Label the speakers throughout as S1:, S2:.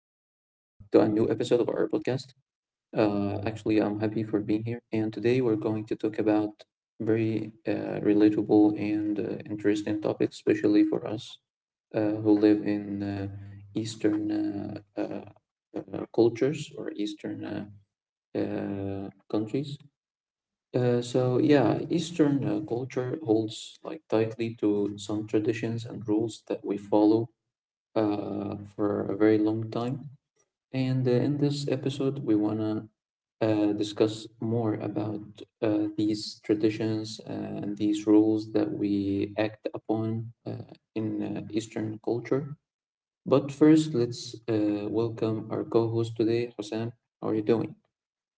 S1: our podcast. Actually, I'm happy for being here, and today we're going to talk about very relatable and interesting topics, especially for us who live in Eastern cultures or Eastern countries. So yeah, Eastern culture holds like tightly to some traditions and rules that we follow for a very long time. And in this episode, we want to discuss more about these traditions and these rules that we act upon in Eastern culture. But first, let's welcome our co host today, Hossein. How are you doing?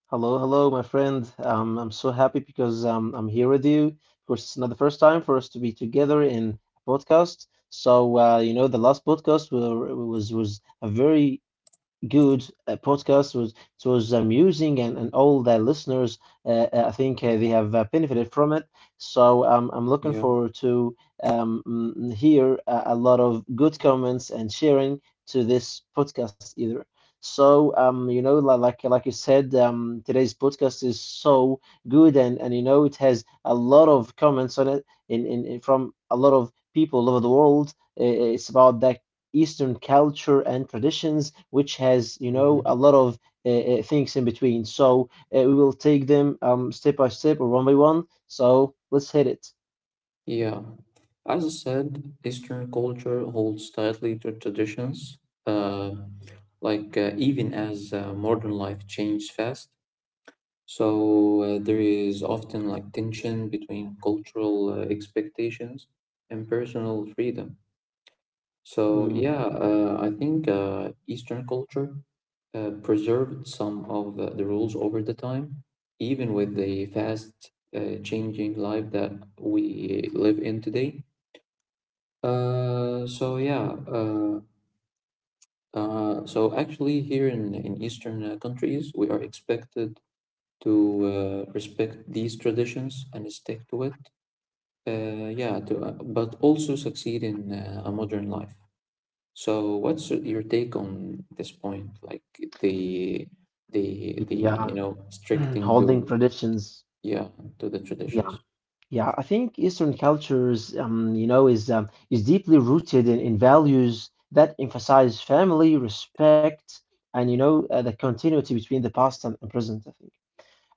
S2: Hello, hello, my friend. I'm so happy because I'm here with you. Of course, it's not the first time for us to be together in a podcast. So, the last podcast was a very good podcast. It was amusing, and all the listeners, I think they have benefited from it. So I'm looking
S1: Yeah.
S2: forward to hear a lot of good comments and sharing to this podcast either. So like you said, today's podcast is so good, and it has a lot of comments on it in from a lot of people all over the world. It's about that Eastern culture and traditions, which has, you know, a
S1: Mm-hmm.
S2: lot of uh, things in between. So we will take them step by step or one by one. So let's hit it.
S1: Yeah. As I said, Eastern culture holds tightly to traditions, uh, like even as modern life changes fast. So there is often like tension between cultural expectations and personal freedom. So
S2: Mhm.
S1: yeah, I think Eastern culture preserved some of the rules over the time, even with the fast changing life that we live in today. Uh, so yeah, uh, so actually here in Eastern countries, we are expected to respect these traditions and stick to it. But also succeed in a modern life. So, what's your take on this point? Like the the you
S2: Yeah,
S1: know stricting
S2: holding
S1: to
S2: traditions.
S1: yeah to the
S2: Yeah,
S1: traditions.
S2: yeah. I think Eastern cultures, is deeply rooted in values that emphasize family, respect, and the continuity between the past and present. I think.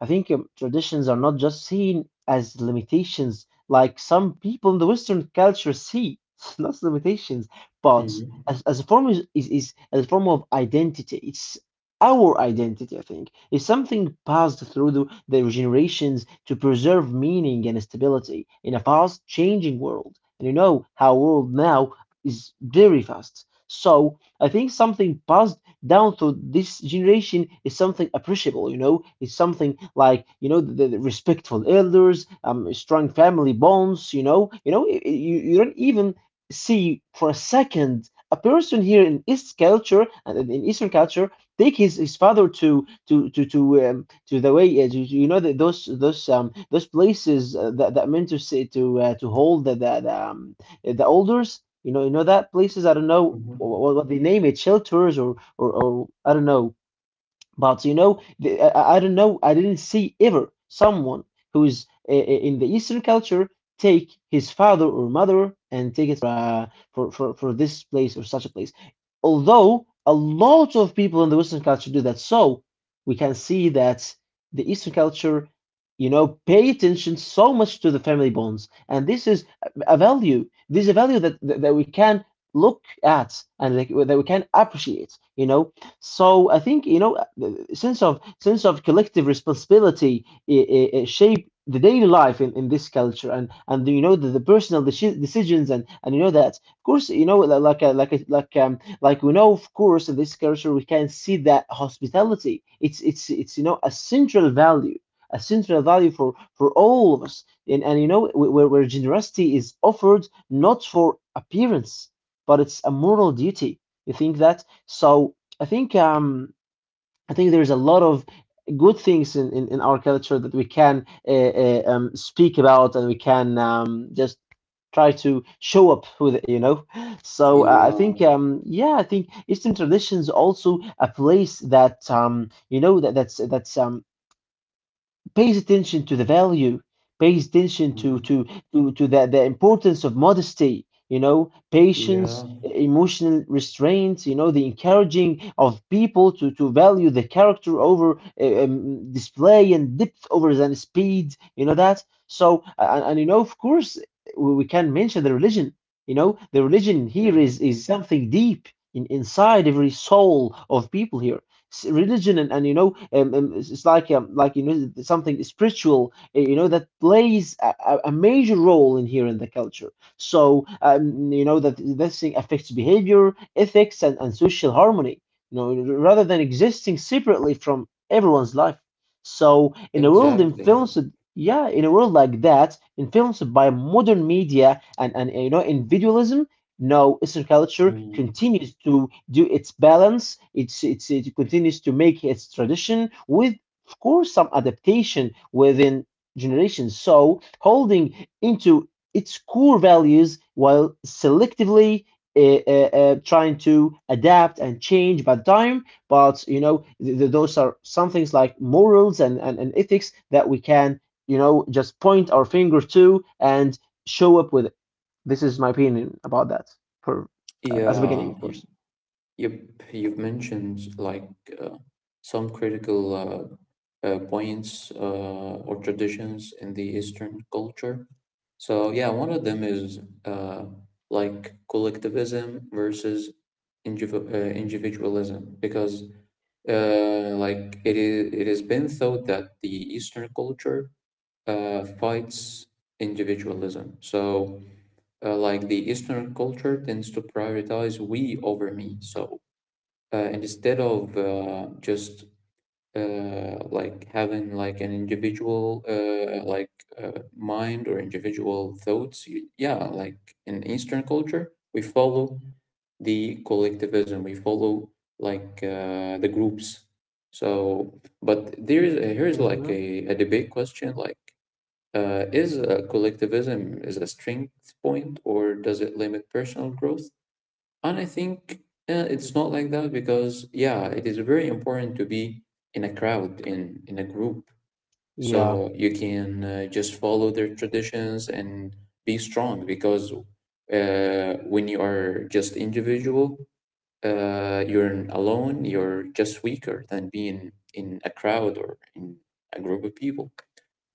S2: I think traditions are not just seen as limitations, like some people in the Western culture see, not limitations, but
S1: Hmm.
S2: as a form is as a form of identity. It's our identity, I think. It's something passed through the generations to preserve meaning and stability in a fast changing world. And you know how world now is very fast. So I think something passed down to this generation is something appreciable, it's something like, the respectful elders, strong family bonds, you don't even see for a second a person here in East culture and in Eastern culture take his father to the way those places that meant to say to hold the elders that places I don't know
S1: Hmm.
S2: what they name it shelters or I don't know. But I don't know. I didn't see ever someone who is in the Eastern culture take his father or mother and take it for this place or such a place. Although a lot of people in the Western culture do that, so we can see that the Eastern culture, pay attention so much to the family bonds, and this is a value. This is a value that we can look at and like, that we can appreciate. So I think the sense of collective responsibility shape the daily life in this culture and the personal decisions and you know that of course like we know of course in this culture we can see that hospitality it's a central value for all of us and where generosity is offered not for appearance but it's a moral duty you think that so I think um, I think there is a lot of good things in our culture that we can speak about and we can just try to show up with it, you know. So I think
S1: Yeah.
S2: yeah, I think Eastern traditions also a place that that that's pays attention to the value, pays attention to
S1: Hmm.
S2: to to, to the importance of modesty, you know, patience,
S1: Yeah.
S2: emotional restraint, you know, the encouraging of people to value the character over display and depth over than speed, you know that. So and of course, we can mention the religion. The religion here
S1: Yeah.
S2: is something deep inside every soul of people here religion and it's like something spiritual that plays a major role in here in the culture so that this thing affects behavior ethics and social harmony you know rather than existing separately from everyone's life so in a world
S1: Exactly.
S2: influenced yeah, in a world like that influenced by modern media and individualism no, Eastern culture
S1: Mm.
S2: continues to do its balance. It continues to make its tradition with, of course, some adaptation within generations. So holding into its core values while selectively uh, trying to adapt and change by time. But th th those are some things like morals and ethics that we can, just point our finger to and show up with this is my opinion about that for as a
S1: Yeah.
S2: beginning, of course.
S1: Yep, you've mentioned like uh, some critical points or traditions in the Eastern culture. So yeah, one of them is like collectivism versus individualism, because like it has been thought that the Eastern culture fights individualism. So like the Eastern culture tends to prioritize we over me. So instead of just like having like an individual like mind or individual thoughts you, yeah, like in eastern culture we follow the collectivism, we follow like the groups. So but there is here's like
S2: Hmm.
S1: a debate question, like is collectivism is a strength point or does it limit personal growth? And I think it's not like that because, yeah, it is very important to be in a crowd, in a group,
S2: Yeah,
S1: so you can just follow their traditions and be strong. Because when you are just individual, you're alone. You're just weaker than being in a crowd or in a group of people,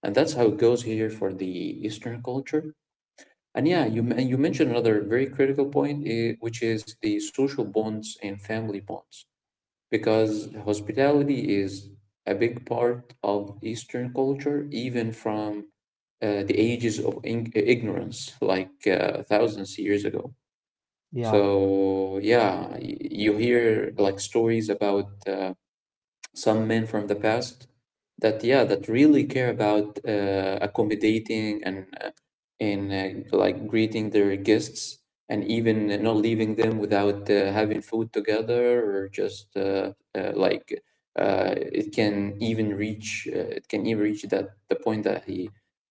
S1: and that's how it goes here for the Eastern culture. And yeah, you mentioned another very critical point, eh, which is the social bonds and family bonds, because hospitality is a big part of Eastern culture, even from the ages of ignorance, like thousands of years ago.
S2: yeah,
S1: So yeah, you hear like stories about some men from the past that yeah, that really care about accommodating and in like greeting their guests, and even not leaving them without having food together or just like it can even reach that the point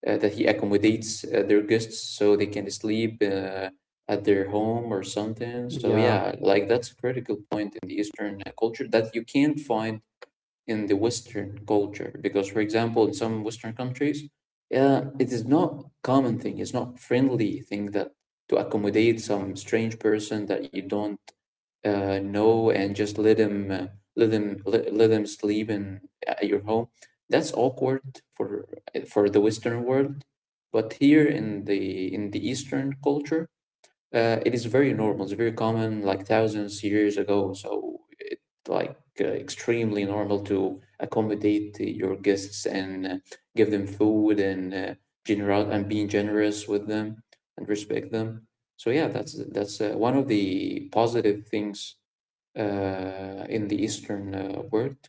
S1: that he accommodates their guests so they can sleep at their home or something. So
S2: yeah,
S1: yeah, like that's a critical point in the eastern culture that you can find in the Western culture. Because, for example, in some Western countries, it is not common thing. It's not friendly thing that to accommodate some strange person that you don't know and just let him let him sleep in at your home. That's awkward for the Western world, but here in the Eastern culture, it is very normal. It's very common, like thousands years ago. So it like extremely normal to accommodate your guests and give them food and general and being generous with them and respect them. So yeah, that's that's one of the positive things in the Eastern world.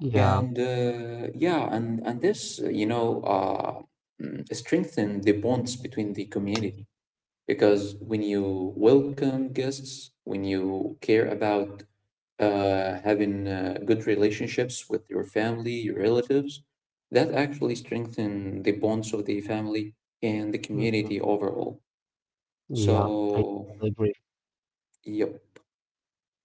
S2: yeah,
S1: And yeah, and this strengthen the bonds between the community, because when you welcome guests, when you care about having good relationships with your family, your relatives, that actually strengthen the bonds of the family and the
S2: hmm,
S1: community overall.
S2: yeah. I
S1: So,
S2: totally agree.
S1: yep.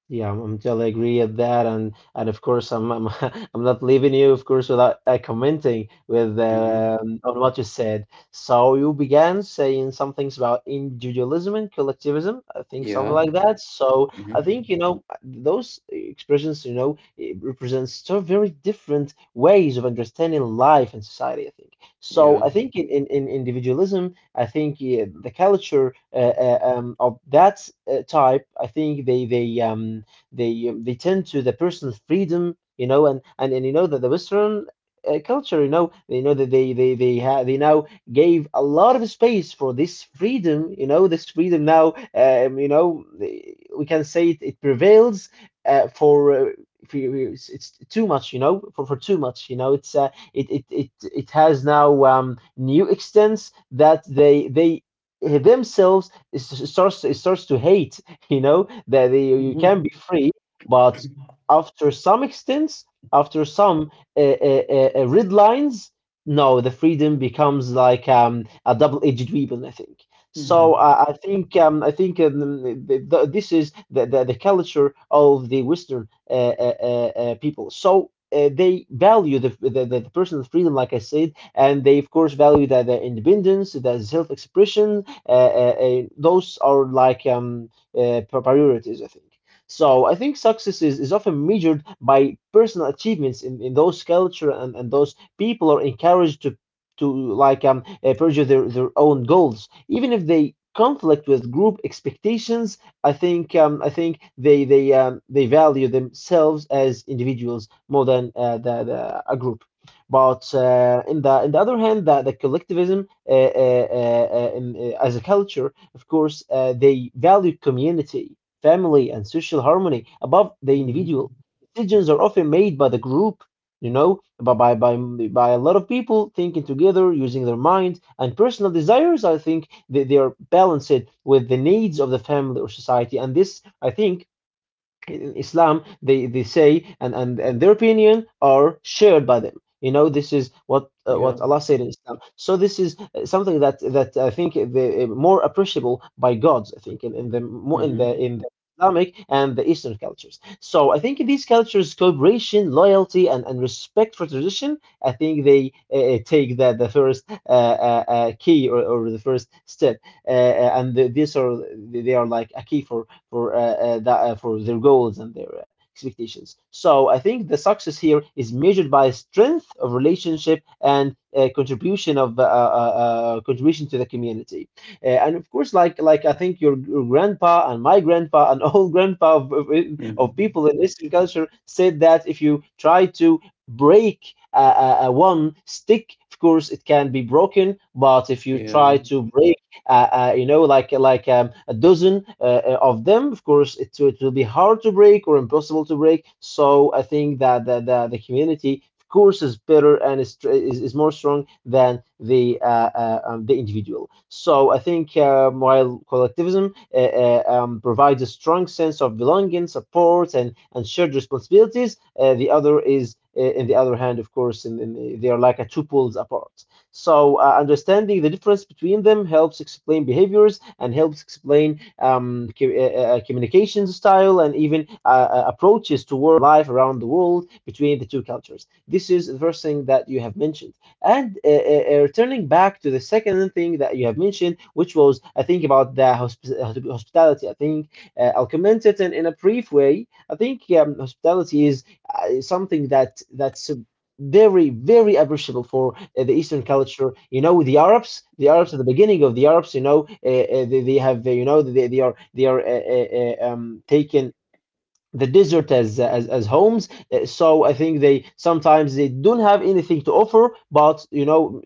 S2: Yeah, I'm totally agree at that, and of course I'm I'm not leaving you, of course, without commenting with
S1: Hmm.
S2: on what you said. So you began saying some things about individualism and collectivism, I think something
S1: Yeah.
S2: like that. So
S1: Hmm.
S2: I think those expressions, it represents two very different ways of understanding life and society, I think. So
S1: Yeah.
S2: I think in individualism I think the culture of that type, I think they tend to the personal freedom, and that the Western culture, that they now gave a lot of space for this freedom, this freedom now, we can say it prevails uh, for. Uh, it's too much, for too much, it's it has now new extents that they themselves it starts to hate. You know that you can
S1: Hmm.
S2: be free, but after some extents, after some red lines, no, the freedom becomes like a double-edged weapon. I think. So
S1: Hmm.
S2: I think th th this is the culture of the Western people. So they value the personal freedom, like I said, and they, of course, value that the independence, their self expression. Those are like priorities, I think. So I think success is often measured by personal achievements in those culture and those people are encouraged to like pursue their own goals, even if they conflict with group expectations. I think they value themselves as individuals more than the a group. But in the other hand, the collectivism, as a culture, of course, they value community, family, and social harmony above the
S1: Hmm.
S2: individual. Decisions are often made by the group, you know, by by by, by a lot of people thinking together, using their minds and personal desires. I think they are balanced with the needs of the family or society, and this, I think in Islam, they say, and their opinion are shared by them. This is what uh,
S1: Yeah.
S2: what Allah said in Islam. So this is something that I think the more appreciable by gods, I think, in, in the mo- in the
S1: Hmm.
S2: in the Islamic and the Eastern cultures. So I think these cultures, cooperation, loyalty, and respect for tradition, I think they take the first key or the first step, and these are like a key for their goals and their expectations. So I think the success here is measured by strength of relationship and contribution of contribution to the community. And of course, like I think your grandpa and my grandpa and all grandpa of, of,
S1: Hmm.
S2: of people in Eastern culture said that if you try to break one stick, of course, it can be broken. But if you
S1: Yeah.
S2: try to break a dozen of them. Of course, it will be hard to break or impossible to break. So I think that the community of course is better and is more strong than the individual. So I think while collectivism provides a strong sense of belonging, support, and shared responsibilities, the other is, in the other hand, of course, they are like a two poles apart. So, understanding the difference between them helps explain behaviors and helps explain communication style and even approaches toward life around the world between the two cultures. This is the first thing that you have mentioned. And returning back to the second thing that you have mentioned, which was, I think, about the hospitality. I think I'll comment it in a brief way. I think hospitality is something that's very very appreciable for the Eastern culture. You know, the Arabs at the beginning of the Arabs, you know, they have you know they are they are taken the desert as as homes. So I think they sometimes they don't have anything to offer, but you know,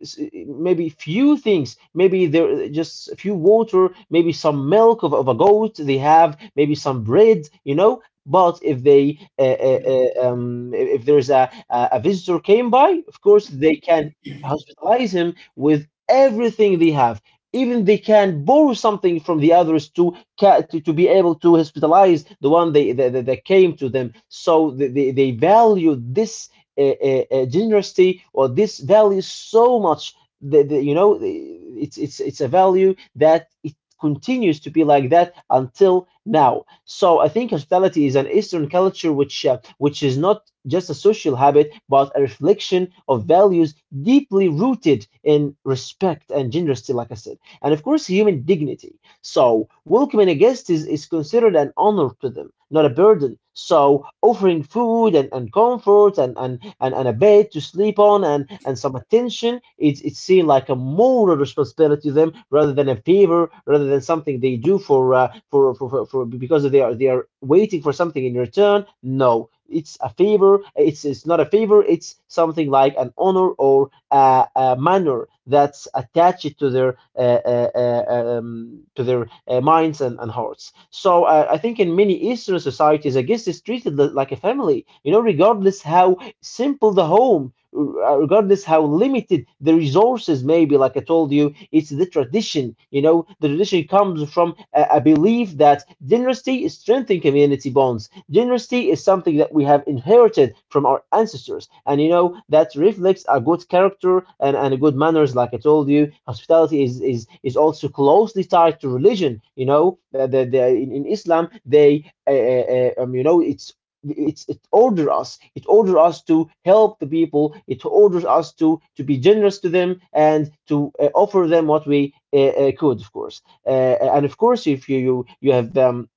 S2: maybe few things, maybe there just a few water, maybe some milk of a goat they have, maybe some bread, you know. But if they
S1: Yeah.
S2: if there's a visitor came by, of course they can hospitalize him with everything they have. Even they can borrow something from the others to to be able to hospitalize the one that came to them. So they valued this generosity or this value so much. You know, it's a value that it continues to be like that until now. So I think hospitality is an Eastern culture which is not just a social habit, but a reflection of values deeply rooted in respect and generosity, like I said, and of course human dignity. So welcoming a guest is considered an honor to them, not a burden. So offering food and comfort and a bed to sleep on and some attention, it's seen like a moral responsibility to them rather than a favor, rather than something they do for because they are waiting for something in return. No, it's a favor. It's not a favor. It's something like an honor or manner that's attached to their minds and hearts. So I think in many Eastern societies, a guest is treated like a family. You know, regardless how simple the home, regardless how limited the resources may be, like I told you, it's the tradition. You know, the tradition comes from a belief that generosity is strengthening community bonds. Generosity is something that we have inherited from our ancestors, and you know that reflects a good character and good manners. Like I told you, hospitality is also closely tied to religion. You know that in Islam they you know it's it orders us to help the people. It orders us to be generous to them and to offer them what we could, of course. uh, and of course, if you have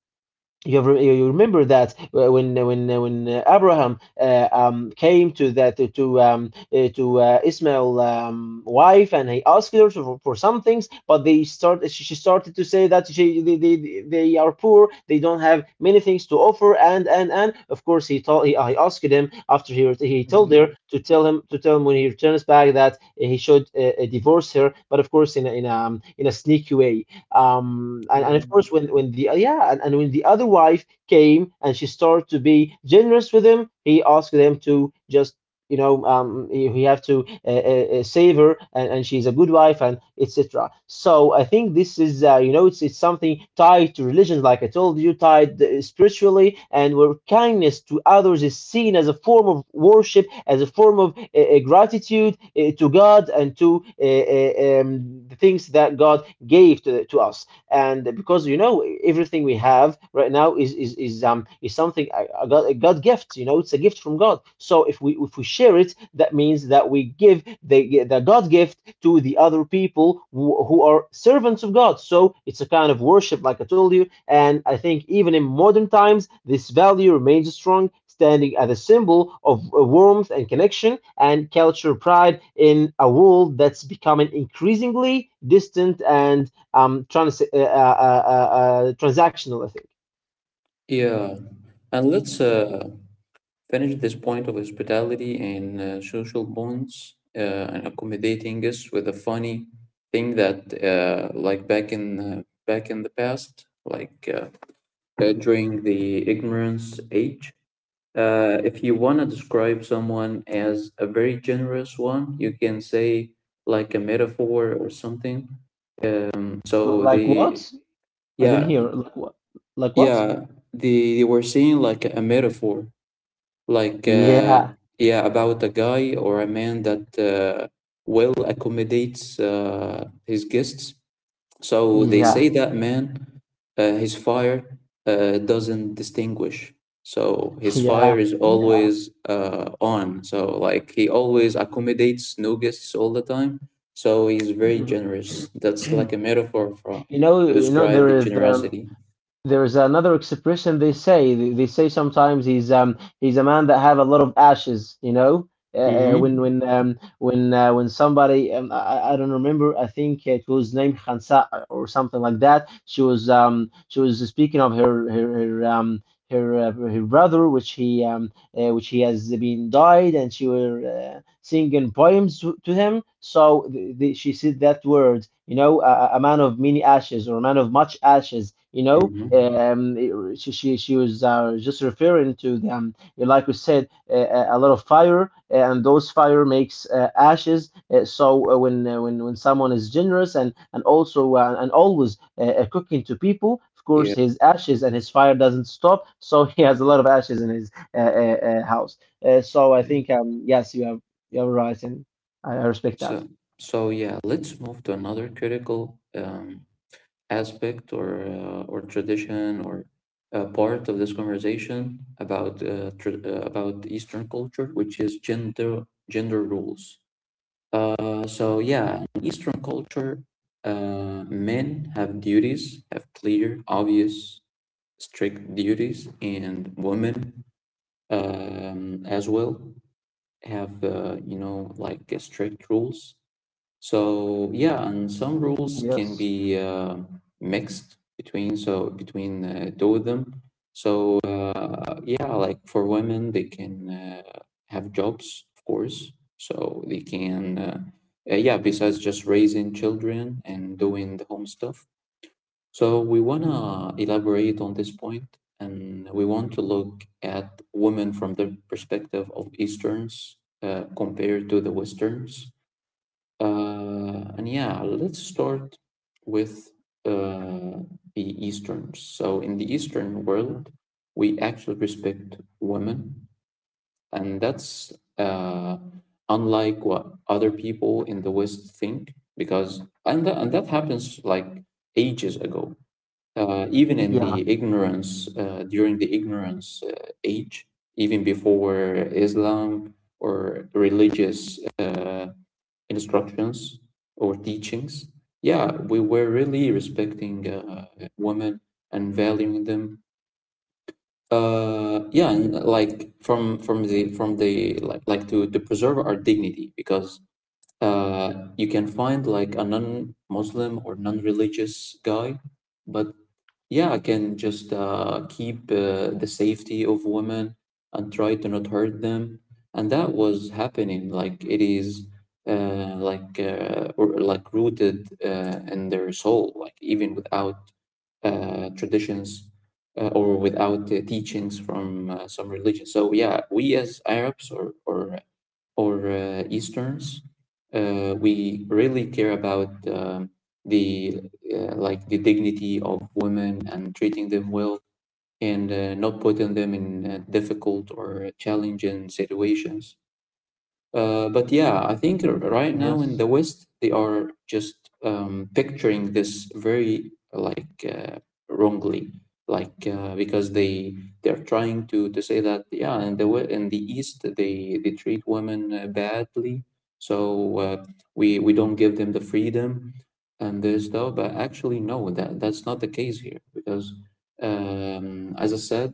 S2: you have, you remember that when Abraham came to that to Ismail's wife and he asked her for some things, but they start she started to say that she they are poor, they don't have many things to offer. And of course, I asked him after he told
S1: Hmm.
S2: her to tell him, to tell him when he returns back that he should divorce her, but of course in a in a sneaky way. And
S1: Yeah.
S2: of course, when the, yeah, and when the other wife came and she started to be generous with him, he asked them to just, you know, you, you have to save her, and she's a good wife, and etc. So I think this is, you know, it's something tied to religion, like I told you, tied spiritually, and where kindness to others is seen as a form of worship, as a form of gratitude to God and to the things that God gave to us. And because, you know, everything we have right now is something a God gift. You know, it's a gift from God. So if we share it, that means that we give the God gift to the other people who are servants of God. So it's a kind of worship, like I told you. And I think even in modern times, this value remains strong, standing as a symbol of warmth and connection and cultural pride in a world that's becoming increasingly distant and transactional ethic.
S1: Yeah. And let's finish this point of hospitality and social bonds and accommodating us with a funny thing that like back in the past, like during the ignorance age, if you want to describe someone as a very generous one, you can say like a metaphor or something. Um, so
S2: Like
S1: they,
S2: what? I didn't
S1: yeah,
S2: hear. Like what? Like what?
S1: yeah, they were saying like a metaphor, like
S2: Yeah,
S1: yeah, about a guy or a man that well accommodates his guests. So they
S2: yeah,
S1: say that man his fire doesn't distinguish, so his fire
S2: yeah,
S1: is
S2: yeah.
S1: always on, so like he always accommodates new guests all the time, so he's very generous. That's like a metaphor for
S2: You know,
S1: to
S2: you know,
S1: describe
S2: there
S1: the
S2: is the
S1: generosity.
S2: there is another expression they say. They say sometimes he's a man that have a lot of ashes. You know, uh,
S1: Mm-hmm.
S2: when somebody I don't remember. I think it was named Khansa or something like that. She was, she was speaking of her her, her brother, which he, which he has been died, and she were singing poems to him. So she said that word, you know, a man of many ashes or a man of much ashes, you know.
S1: Mm-hmm.
S2: She was just referring to the, like we said, a lot of fire, and those fire makes ashes. So when someone is generous and also, and always cooking to people, of
S1: Yeah.
S2: course his ashes and his fire doesn't stop. So he has a lot of ashes in his house. So I think, yes, you have right, and I respect that.
S1: So, so yeah, let's move to another critical aspect or tradition or part of this conversation about tr about Eastern culture, which is gender rules. So yeah, in Eastern culture, men have duties, have clear, obvious, strict duties, and women as well have you know like strict rules. So yeah, and some rules can
S2: Yes.
S1: be mixed between, so between two of them. So yeah, like for women, they can have jobs, of course. So they can yeah, besides just raising children and doing the home stuff. So we wanna elaborate on this point, and we want to look at women from the perspective of Easterns compared to the Westerns. And yeah, let's start with uh, the Easterns. So, in the Eastern
S2: Mm.
S1: world, we actually respect women, and that's unlike what other people in the West think, because and that happens like ages ago. Even in
S2: Yeah.
S1: the ignorance, during the ignorance age, even before Islam or religious. Instructions or teachings, yeah, we were really respecting women and valuing them. Yeah, and like from the like to preserve our dignity, because you can find like a non-Muslim or non-religious guy, but yeah, I can just keep the safety of women and try to not hurt them. And that was happening. Like it is or like rooted in their soul. Like even without traditions or without teachings from some religion. So yeah, we as Arabs or Easterns. We really care about the like the dignity of women and treating them well and not putting them in difficult or challenging situations. But yeah, I think right now in
S2: Yes.
S1: the West, they are just picturing this very like wrongly, like because they are trying to say that yeah, in the East they treat women badly, so uh, we we don't give them the freedom and this stuff. But actually, no, that that's not the case here, because as I said,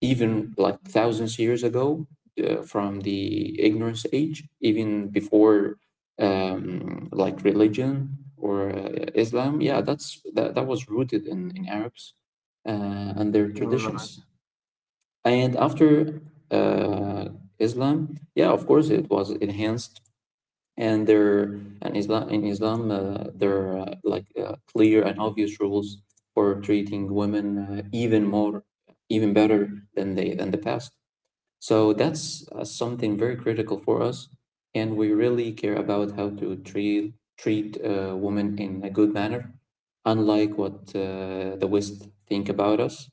S1: even like thousands years ago from the ignorance age, even before like religion or Islam. Yeah, that, that was rooted in Arabs uh, and their
S2: You're right.
S1: traditions. And after uh, Islam, yeah, of course, it was enhanced. And there, and Islam in Islam, there are like clear and obvious rules for treating women even more, even better than they than the past. So that's something very critical for us, and we really care about how to treat women in a good manner, unlike what the West think about us.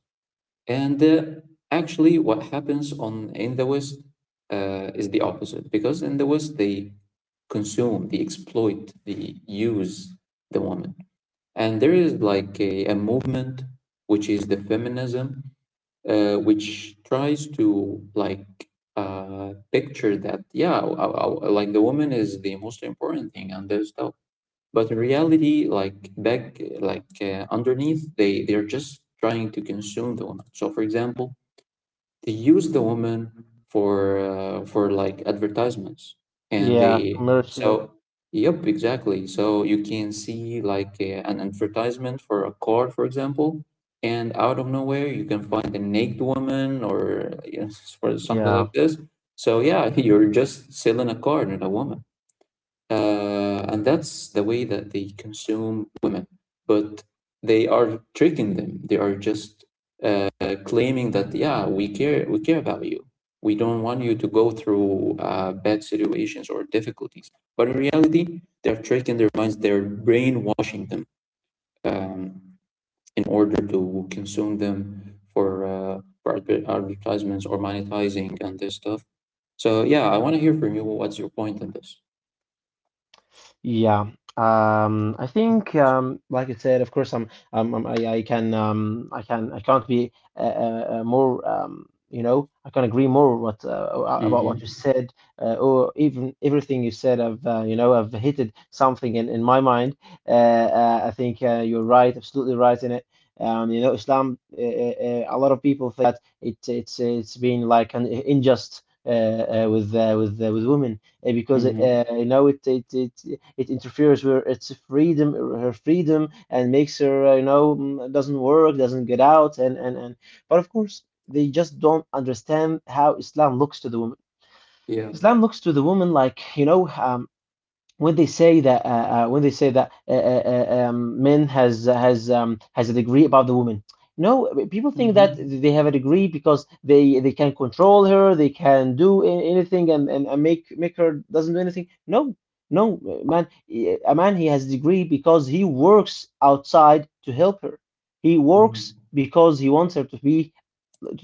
S1: And actually, what happens on in the West is the opposite, because in the West they consume, they exploit, they use the woman. And there is like a movement which is the feminism, which tries to like picture that yeah, like the woman is the most important thing and their stuff. But in reality, like back, like underneath, they are just trying to consume the woman. So, for example, they use the woman for like advertisements and
S2: Yeah.
S1: they
S2: Commercial.
S1: so yep exactly so you can see like an advertisement for a car, for example, and out of nowhere you can find a naked woman or you know, or something
S2: Yeah.
S1: like this so yeah you're just selling a car, not a woman. And that's the way that they consume women. But they are tricking them. They are just uh, claiming that yeah, we care about you. We don't want you to go through bad situations or difficulties. But in reality, they are tricking their minds. They're brainwashing them um, in order to consume them for advertisements or monetizing and this stuff. So yeah, I want to hear from you. What's your point on this?
S2: Yeah. I think, like I said, of course, I can, I can, I can't be more, you know, I can agree more what about
S1: Mm-hmm.
S2: what you said, or even everything you said. I've, you know, I've hitted something in my mind. Uh, I think you're right, absolutely right in it. You know, Islam. A lot of people think that it's been like an unjust with women because, you know, it, it interferes with its freedom, her freedom, and makes her, you know, mm, doesn't work, doesn't get out, and. But of course, they just don't understand how Islam looks to the woman.
S1: Yeah.
S2: Islam looks to the woman like, you know, when they say that men has, has a degree above the woman. No, people think that
S1: Mm-hmm.
S2: they have a degree because they can control her, they can do anything and make her doesn't do anything. No, no, man, a man, he has degree because he works outside to help her. He
S1: Mm-hmm.
S2: works because he wants her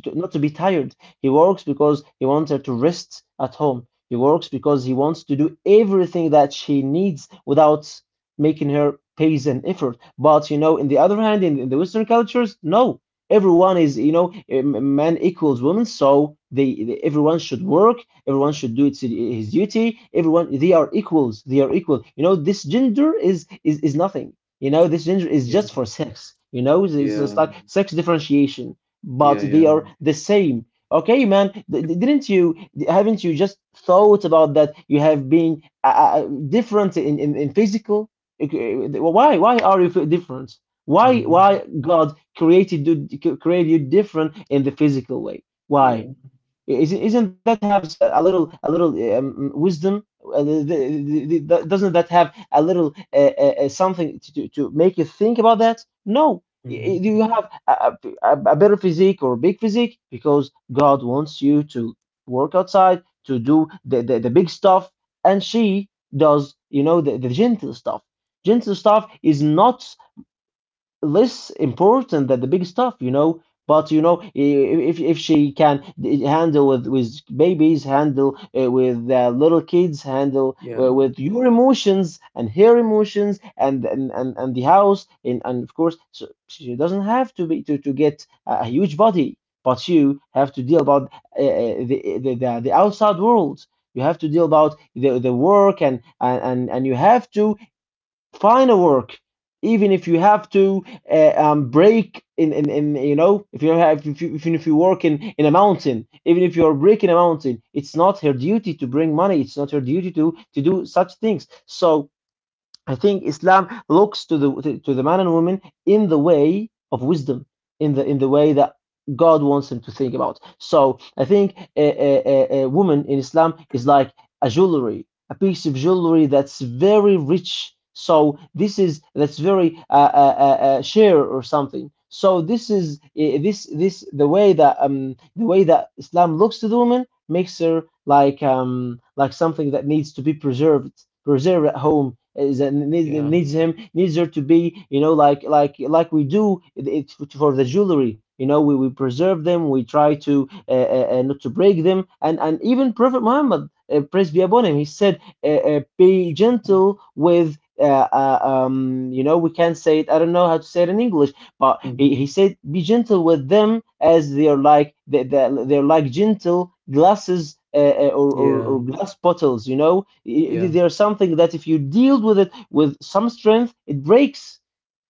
S2: to not to be tired. He works because he wants her to rest at home. He works because he wants to do everything that she needs without making her pays an effort. But you know, in the other hand, in the Western cultures, no. Everyone is, you know, man equals woman, so everyone should work, everyone should do its his duty. Everyone, they are equal. You know, this gender is nothing. You know, this gender is
S1: Yeah.
S2: just for sex. You know, it's
S1: Yeah.
S2: like sex differentiation, but
S1: Yeah.
S2: they
S1: Yeah.
S2: are the same. Okay, man. Didn't you? Haven't you just thought about that? You have been different in physical. Okay, why? Why are you different? Why?
S1: Mm-hmm.
S2: Why God created you different in the physical way? Why?
S1: Yeah.
S2: Isn't that have a little, a little wisdom? Doesn't that have a little something to make you think about that? No,
S1: Mm-hmm.
S2: you have a better physique or big physique because God wants you to work outside to do the big stuff, and she does the gentle stuff. Gentle stuff is not less important than the big stuff, you know. But you know, if she can handle with babies, handle with little kids, handle
S1: Yeah.
S2: with your emotions and her emotions, and the house, and of course, so she doesn't have to be to get a huge body, but you have to deal about the the outside world. You have to deal about the work, and you have to find a work even if you have to break in you know if you have if you work in a mountain even if you are breaking a mountain, it's not her duty to bring money, it's not her duty to do such things. So I think Islam looks to the man and woman in the way of wisdom, in the way that God wants him to think about. So I think a woman in Islam is like a jewelry, a piece of jewelry that's very rich. So this is that's very share or something. So this this the way that Islam looks to the woman mixer, like something that needs to be preserved, preserved at home, is that needs,
S1: Yeah.
S2: needs him, needs her to be, you know, like we do it for the jewelry, you know, we preserve them, we try to not to break them. And even Prophet Muhammad, praise be upon him, he said, be gentle with you know, we can't say it, I don't know how to say it in English, but he
S1: Mm-hmm.
S2: said, be gentle with them, as they're like they're like gentle glasses,
S1: Yeah.
S2: or glass bottles. You know,
S1: Yeah.
S2: they're something that if you deal with it with some strength, it breaks.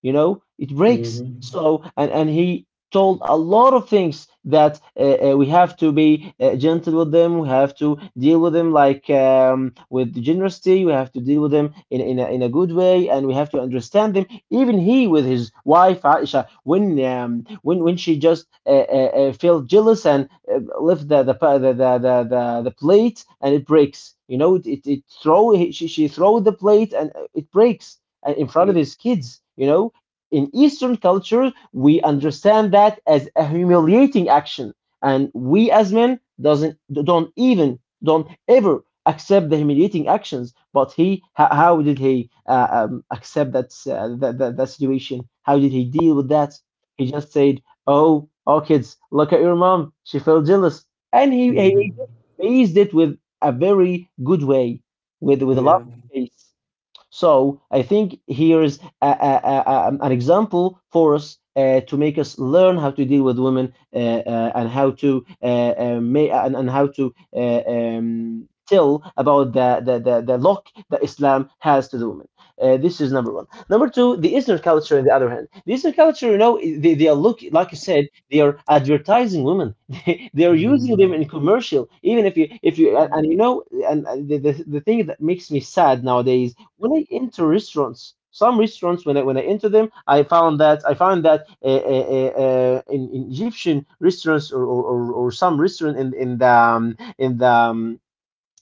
S2: You know, it breaks.
S1: Mm-hmm.
S2: So and he told a lot of things that we have to be gentle with them, we have to deal with them, like with generosity, we have to deal with them in a good way, and we have to understand them. Even he, with his wife Aisha, when she just felt jealous and left the, pa- the plate and it breaks. You know, it throw, she she throw the plate and it breaks in
S1: Yeah.
S2: front of his kids. You know, in Eastern culture, we understand that as a humiliating action, and we as men doesn't, don't even, don't ever accept the humiliating actions. But he, how did he accept that that situation? How did he deal with that? He just said, "Oh, kids, look at your mom. She felt jealous," and he
S1: Mm-hmm.
S2: he faced it with a very good way, with a
S1: Yeah.
S2: laughing face. So I think here is an example for us to make us learn how to deal with women and how to and how to tell about the lock that Islam has to the women. This is number one. Number two, the Eastern culture, on the other hand. The Eastern culture, you know, they are look, like you said, they are advertising women. They are using
S1: Mm-hmm.
S2: them in commercial, even if you
S1: Yeah.
S2: and you know, and the thing that makes me sad nowadays when I enter restaurants, some restaurants, when I enter them, I found that, I found that in Egyptian restaurants or some restaurant in the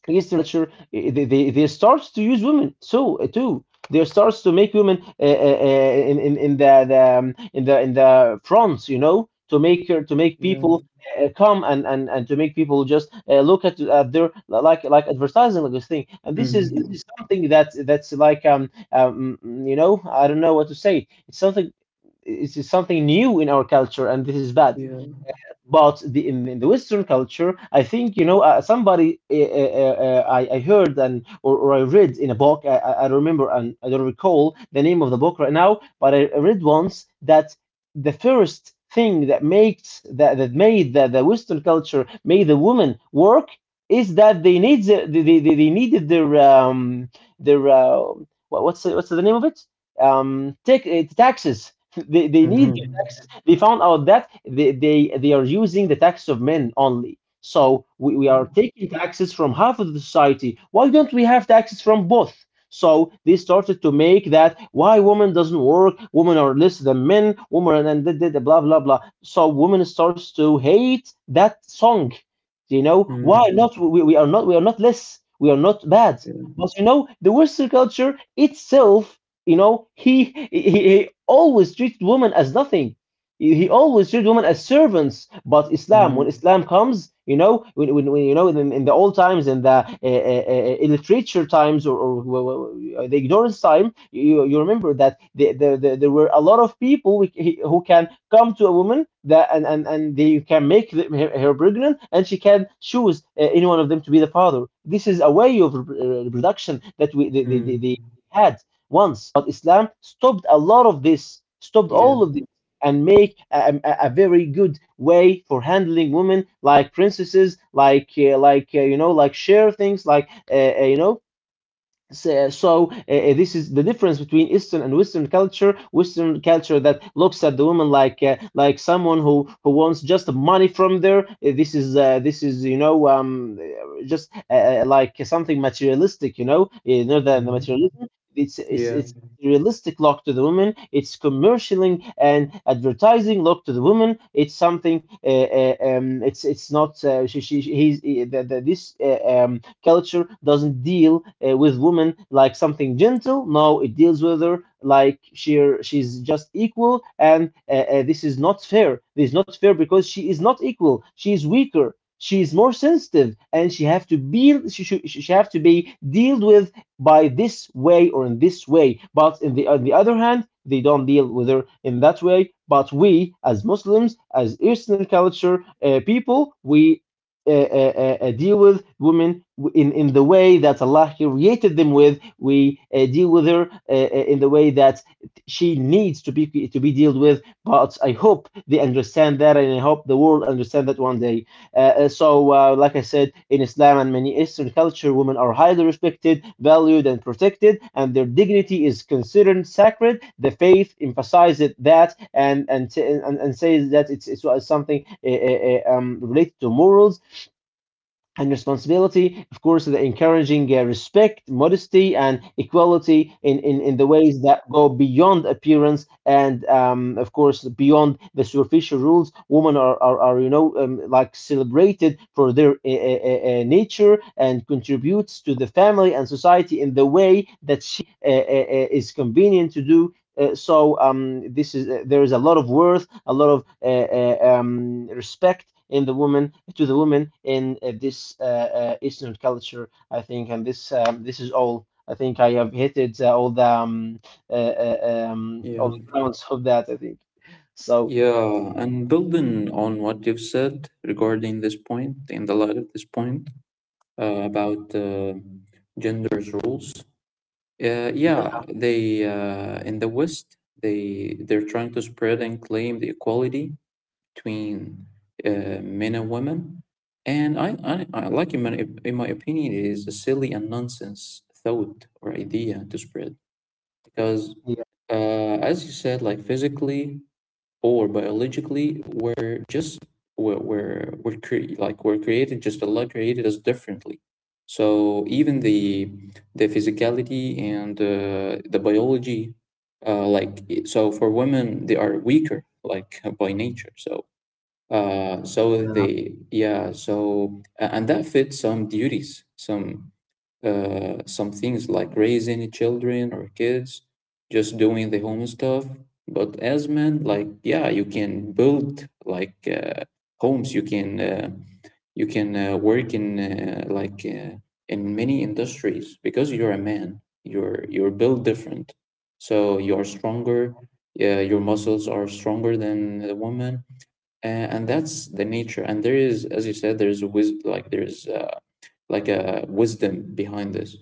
S2: East literature, they starts to use women so too. They starts to make women in the in the fronts, you know, to make her, to make
S1: Yeah.
S2: people come and and to make people just look at their, like advertising, like this thing. And
S1: Mm-hmm.
S2: this is something that that's like you know, I don't know what to say. It's something, it's something new in our culture, and this is bad.
S1: Yeah.
S2: But in the Western culture, I think, you know, somebody I heard, or I read in a book. I I remember, and I don't recall the name of the book right now, but I read once that the first thing that makes that that made the Western culture made the woman work is that they need they needed their their uh, what, what's the name of it, take taxes. They need their
S1: Mm-hmm.
S2: taxes. They found out that they are using the taxes of men only. So we are
S1: Yeah.
S2: taking taxes from half of the society. Why don't we have taxes from both? So they started to make that, why women doesn't work, women are less than men, women and blah blah blah. So women starts to hate that song. You know, why
S1: Mm-hmm.
S2: not? We are not, we are not less. We are not bad.
S1: Yeah.
S2: But you know, the Western culture itself, you know, he he always treated women as nothing. He always treated women as servants. But Islam, when
S1: Mm-hmm.
S2: Islam comes, you know, when you know, in the old times, in the illiterature times, or the ignorance time, you remember that there were a lot of people who can come to a woman that and they can make her pregnant, and she can choose any one of them to be the father. This is a way of reproduction that we they had once. But Islam stopped a lot of this, stopped all
S1: Yeah.
S2: of this, and make a very good way for handling women like princesses, like you know, like share things, like you know, so this is the difference between Eastern and Western culture. Western culture that looks at the woman like someone who wants just money from there. This is this is, you know, just like something materialistic. You know, you know, the
S1: Mm-hmm.
S2: materialism. It's
S1: Yeah.
S2: it's realistic look to the woman. It's commercialing and advertising look to the woman. It's something. It's not she she he's he, the, this culture doesn't deal with women like something gentle. No, it deals with her like she's just equal, and this is not fair. This is not fair because she is not equal. She is weaker. She is more sensitive, and she have to be dealt with by this way or in this way. But in the on the other hand, they don't deal with her in that way. But we, as Muslims, as Eastern culture people, we deal with women in the way that Allah created them with. We deal with her in the way that she needs to be, to be dealt with. But I hope they understand that, and I hope the world understand that one day. Like I said, in Islam and many Eastern culture, women are highly respected, valued, and protected, and their dignity is considered sacred. The faith emphasizes that, and says that it's something related to morals and responsibility, of course, the encouraging respect, modesty, and equality in, in the ways that go beyond appearance and, of course, beyond the superficial rules. Women are like celebrated for their nature and contributes to the family and society in the way that she is convenient to do. So this is there is a lot of worth, a lot of respect in the woman, to the woman, in this Eastern culture, I think, and this is all. I think I have hit it all the um, uh, uh, um, all
S1: Yeah.
S2: the grounds of that. I think so.
S1: Yeah. And building on what you've said regarding this point, in the light of this point, about gender's roles. Yeah,
S2: Yeah,
S1: they in the West they they're trying to spread and claim the equality between men and women, and I like in my opinion it is a silly and nonsense thought or idea to spread because
S2: yeah,
S1: uh, as you said, like physically or biologically we're just we're cre- like we're created just Allah created us differently so even the physicality and the biology so for women they are weaker like by nature so so
S2: yeah.
S1: they yeah so and that fits some duties, some things like raising children or kids, just doing the home stuff. But as men, like yeah, you can build like homes. You can work in in many industries because you're a man. You're built different, so you're stronger. Yeah, your muscles are stronger than the woman, uh, and that's the nature. And there is, as you said, there is like there is like a wisdom behind this.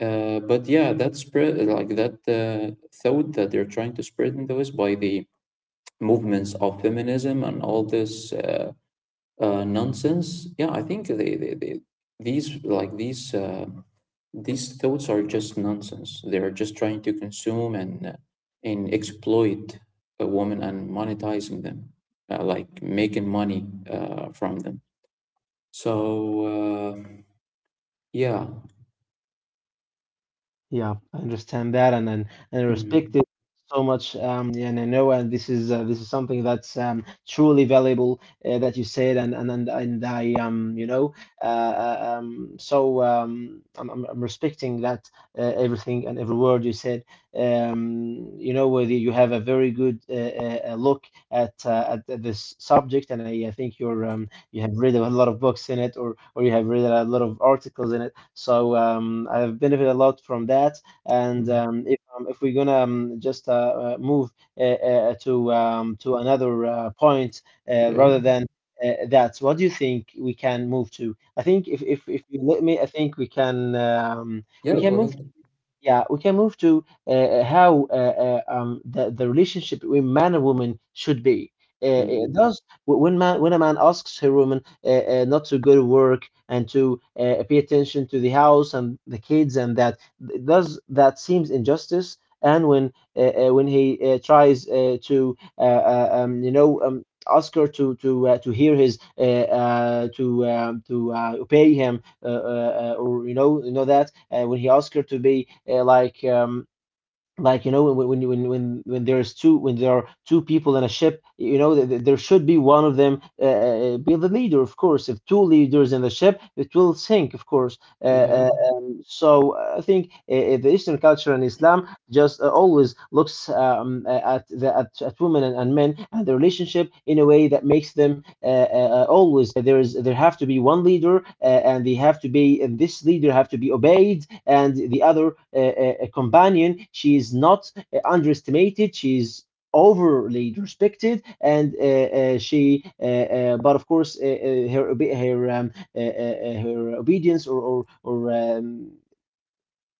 S1: But yeah, that spread like that thought that they're trying to spread in those by the movements of feminism and all this nonsense. Yeah, I think they these like these thoughts are just nonsense. They are just trying to consume and exploit a woman and monetizing them, like making money from them. So uh, yeah.
S2: Yeah, I understand that, and I respect
S1: Mhm.
S2: it so much. Yeah, and I know, and this is something that's truly valuable that you said, and I I'm respecting that, everything and every word you said. You know whether you have a very good look at, at this subject, and I think you have read a lot of books in it, or you have read a lot of articles in it. So I've benefited a lot from that. And
S1: Mhm.
S2: um, if we're gonna just move, to another point,
S1: Yeah,
S2: rather than that, what do you think we can move to? I think if you let me, I think we can um, we
S1: yeah.
S2: can
S1: Go
S2: move,
S1: ahead.
S2: yeah, we can move to how the relationship between man and woman should be. It
S1: Mhm.
S2: does when man when a man asks her woman not to go to work and to pay attention to the house and the kids and that, does that seems injustice? And when he tries to ask her to hear his, to obey him, or you know that when he asked her to be, like, like, when there's two when there are two people in a ship, you know, there should be one of them, be the leader. Of course, if two leaders in the ship, it will sink. Of course,
S1: Yeah,
S2: so I think the Eastern culture and Islam just always looks, at at women and men and the relationship in a way that makes them always, there have to be one leader, and they have to be and this leader have to be obeyed, and the other, companion, she is not underestimated. She is overly respected, and she but of course, her obedience, or or, or um,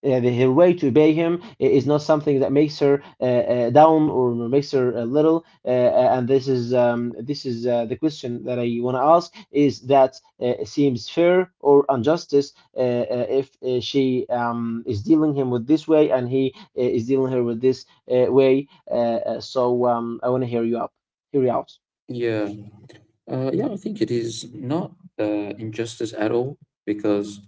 S2: uh, her way to obey him is not something that makes her down or makes her little. And this is the question that I want to ask: is that, seems fair or injustice, if she is dealing him with this way and he is dealing her with this way? So I want to hear you out.
S1: yeah, yeah. I think it is not injustice at all because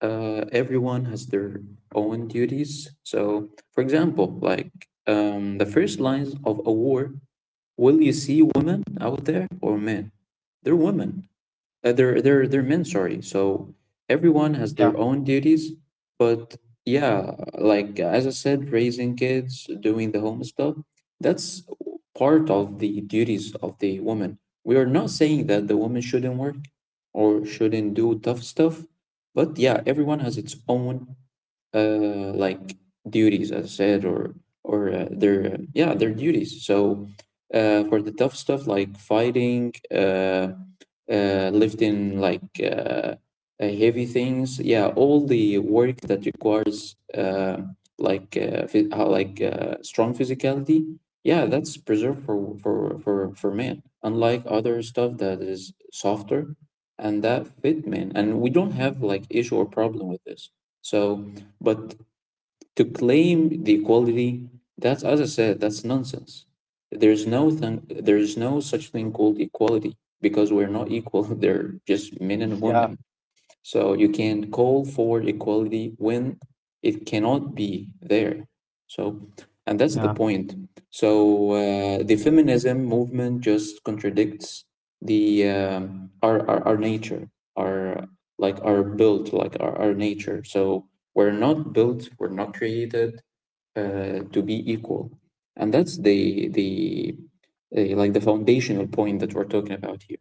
S1: everyone has their own duties. So, for example, like the first lines of a war, will you see women out there or men? They're women. They're men, sorry. So everyone has
S2: Yeah,
S1: their own duties but yeah like as I said, raising kids, doing the home stuff, that's part of the duties of the woman. We are not saying that the woman shouldn't work or shouldn't do tough stuff but yeah everyone has its own like duties, as I said, or or their yeah their duties. So for the tough stuff like fighting, lifting like heavy things, yeah, all the work that requires strong physicality, yeah, that's preserved for men. Unlike other stuff that is softer and that fit men, and we don't have like issue or problem with this. So but to claim the equality, that's as I said, that's nonsense. There's no thing, there's no such thing called equality because we're not equal. They're just men and
S2: yeah,
S1: women. So you can call for equality when it cannot be there. So, and that's the
S2: yeah,
S1: point. So the feminism movement just contradicts the our our nature, our like our built, like our nature. So we're not created to be equal, and that's the like the foundational point that we're talking about here.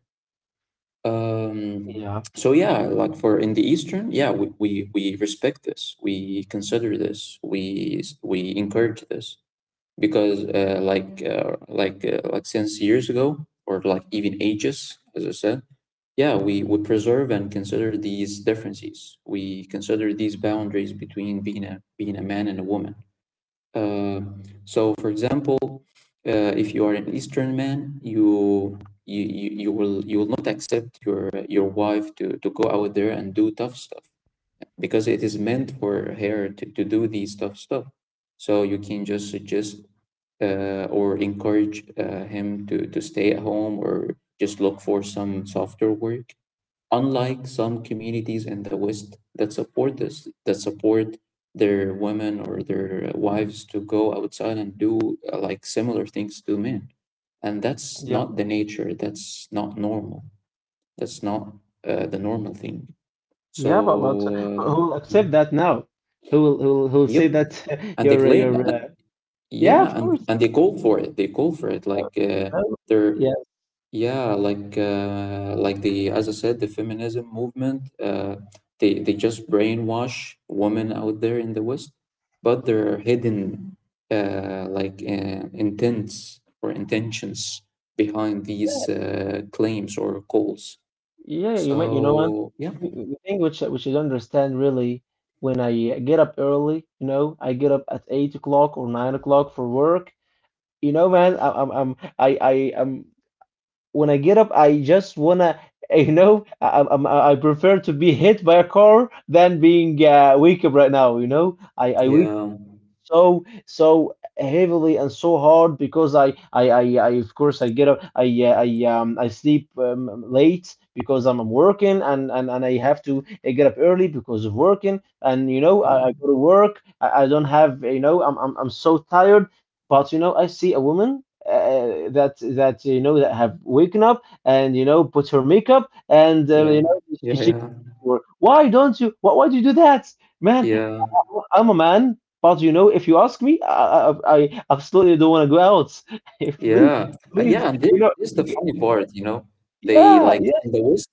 S2: yeah,
S1: So yeah, like for in the Eastern, yeah, we we respect this, we consider this, we encourage this because like since years ago or like even ages, as I said, yeah, we preserve and consider these differences. We consider these boundaries between being a being a man and a woman. Uh, so, for example, if you are an Eastern man, you you will not accept your wife to go out there and do tough stuff because it is meant for her to do these tough stuff. So you can just suggest or encourage him to stay at home or just look for some softer work. Unlike some communities in the West that support this, that support their women or their wives to go outside and do like similar things to men. And that's
S2: yeah.
S1: not the nature, that's not normal, that's not the normal thing. So,
S2: Yeah, but who will accept
S1: mhm.
S2: that now? Who will say
S1: Yep.
S2: that
S1: And they claim,
S2: you're yeah, of
S1: yeah,
S2: course.
S1: and they call for it, they call for it.
S2: uh,
S1: Like
S2: no,
S1: they're
S2: yeah,
S1: Yeah, like the as I said, the feminism movement, they just brainwash women out there in the West, but their hidden intents or intentions behind these claims or calls.
S2: yeah. You may, you know what?
S1: So yeah,
S2: The thing which which I don't understand really: when I get up early, I get up at 8 o'clock or 9 o'clock for work. You know, man, I am when I get up, I just wanna. You know, I, I'm, I prefer to be hit by a car than being wake up right now. You know, I
S1: yeah,
S2: so so heavily and so hard, because I of course I get up, I sleep late because I'm working, and I have to get up early because of working, and you know
S1: yeah,
S2: I go to work. I don't have, you know, I'm so tired, but I see a woman. That that you know that have woken up and put her makeup, and uh, you
S1: yeah,
S2: know
S1: yeah,
S2: she
S1: yeah,
S2: why don't you why do you do that, man?
S1: yeah.
S2: I'm a man, but you know, if you ask me, I absolutely don't want to go out. Please,
S1: Yeah,
S2: please,
S1: yeah, and this is the
S2: y-
S1: funny part, you know. They
S2: yeah,
S1: like
S2: yeah,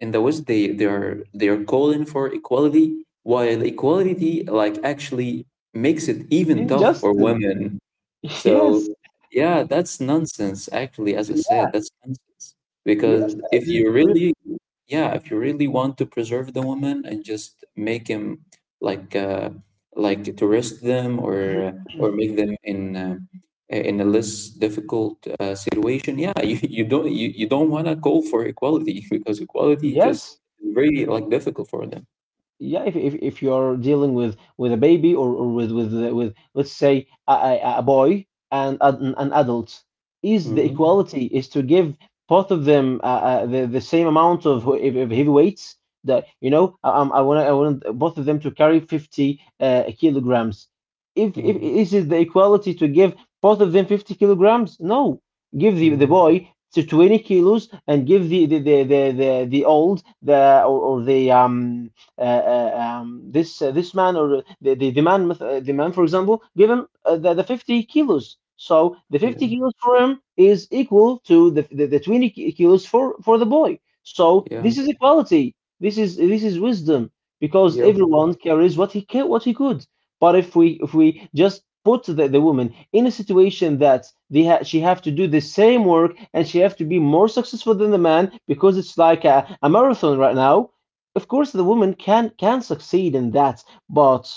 S1: in the West, they are calling for equality, while equality like actually makes it even tough for
S2: injustice.
S1: women so
S2: Yes,
S1: yeah, that's nonsense. Actually, as I
S2: yes,
S1: said, that's nonsense.
S2: yes.
S1: Because if you really, yeah, if you really want to preserve the woman and just make him like uh, like to rest them or make them in a less difficult situation, yeah, you don't want to call for equality because equality just
S2: Yes.
S1: very like difficult for them.
S2: Yeah, if you're dealing with a baby, or with, let's say, a boy and an adult, is the
S1: Hmm.
S2: equality is to give both of them, the same amount of, of heavy weights, that, I want both of them to carry 50 kilograms? If
S1: Hmm.
S2: Is it the equality to give both of them 50 kilograms? No. Give the
S1: Hmm.
S2: boy to 20 kilos, and give the or the this man, or the man, for example. Give him, the 50 kilos, so the 50
S1: Yeah.
S2: kilos for him is equal to the 20 kilos for the boy. So
S1: Yeah.
S2: this is equality. This is wisdom, because
S1: Yep.
S2: everyone carries what he could. But if we just put the woman in a situation that, she have to do the same work and she have to be more successful than the man because it's like a marathon right now. Of course, the woman can succeed in that, but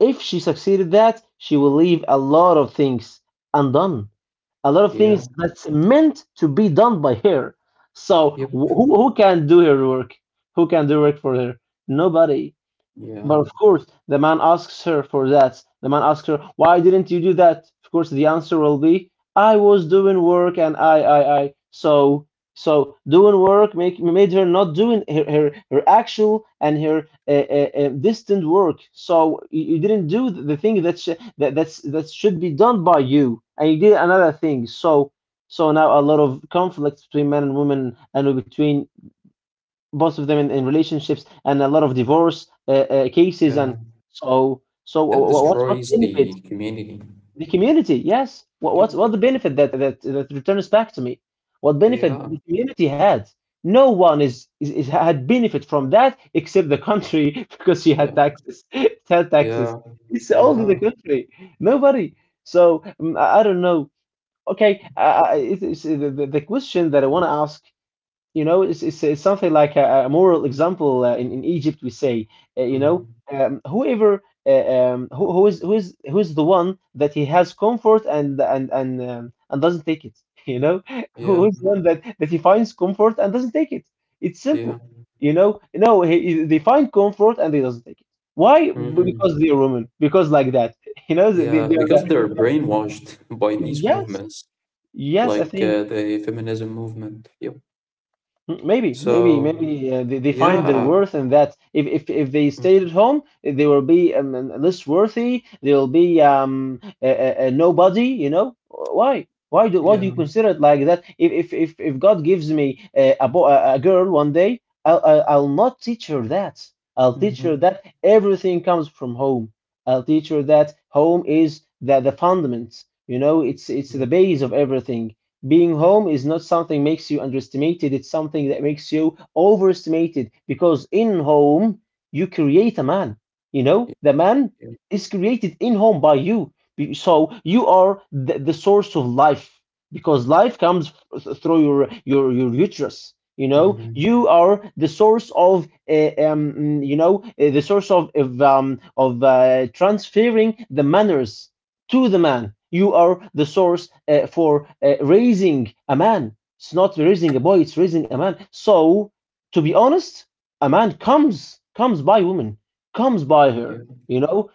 S2: if she succeeded that, she will leave a lot of things undone, a lot of
S1: Yeah.
S2: things that's meant to be done by her. So
S1: Yep.
S2: who can do her work? Who can do work for her? Nobody.
S1: Yeah.
S2: But of course, the man asks her for that. The man asks her, "Why didn't you do that?" Of course, the answer will be, "I was doing work, and I." So, so doing made her not doing her actual and her distant work. So you didn't do the thing that should be done by you, and you did another thing. So, now a lot of conflicts between men and women and between both of them in relationships and a lot of divorce cases, and
S1: Yeah. That
S2: what
S1: destroys
S2: benefit
S1: the community.
S2: the community, yes,
S1: Yep.
S2: what the benefit that returns back to me, what benefit that the
S1: Yeah.
S2: community had? No one is had benefit from that except the country, because she had
S1: Yeah.
S2: taxes, it had taxes.
S1: Yeah.
S2: It's only the
S1: Yeah.
S2: country. Nobody. So I don't know. Okay, the question that I want to ask, you know, it's something like a moral example. In Egypt, we say,
S1: Mm.
S2: whoever, who is the one that he has comfort and and doesn't take it. You know,
S1: Yeah.
S2: who is the one that he finds comfort and doesn't take it? It's simple.
S1: Yeah.
S2: You know, no, they find comfort and they doesn't take it. Why? Because
S1: Hmm.
S2: they're women. Because like that. You know, they,
S1: Yeah.
S2: they are.
S1: Because they're brainwashed by these
S2: Yes,
S1: movements,
S2: yes, I
S1: like
S2: think.
S1: the feminism movement. Yep.
S2: Mm, maybe, maybe,
S1: So,
S2: maybe, they find their
S1: yeah.
S2: worth in that. If they
S1: Mm.
S2: stayed at home, they will be less worthy. They will be a nobody. You know why? Why do you
S1: Yeah.
S2: consider it like that? If God gives me a, bo a girl one day, I'll not teach her that. I'll teach her
S1: Hmm.
S2: that everything comes from home. I'll teach her that home is the fundament. You know, it's
S1: Yeah.
S2: the base of everything. Being home is not something makes you underestimated, it's something that makes you overestimated, because in home you create a man. You know, the man
S1: Yeah.
S2: is created in home by you. So you are the source of life, because life comes through your uterus. You know,
S1: Hmm.
S2: you are the source of transferring the manners to the man. You are the source, for raising a man. It's not raising a boy, it's raising a man. So, to be honest, a man comes by woman, comes by
S1: Yeah.
S2: her. You know,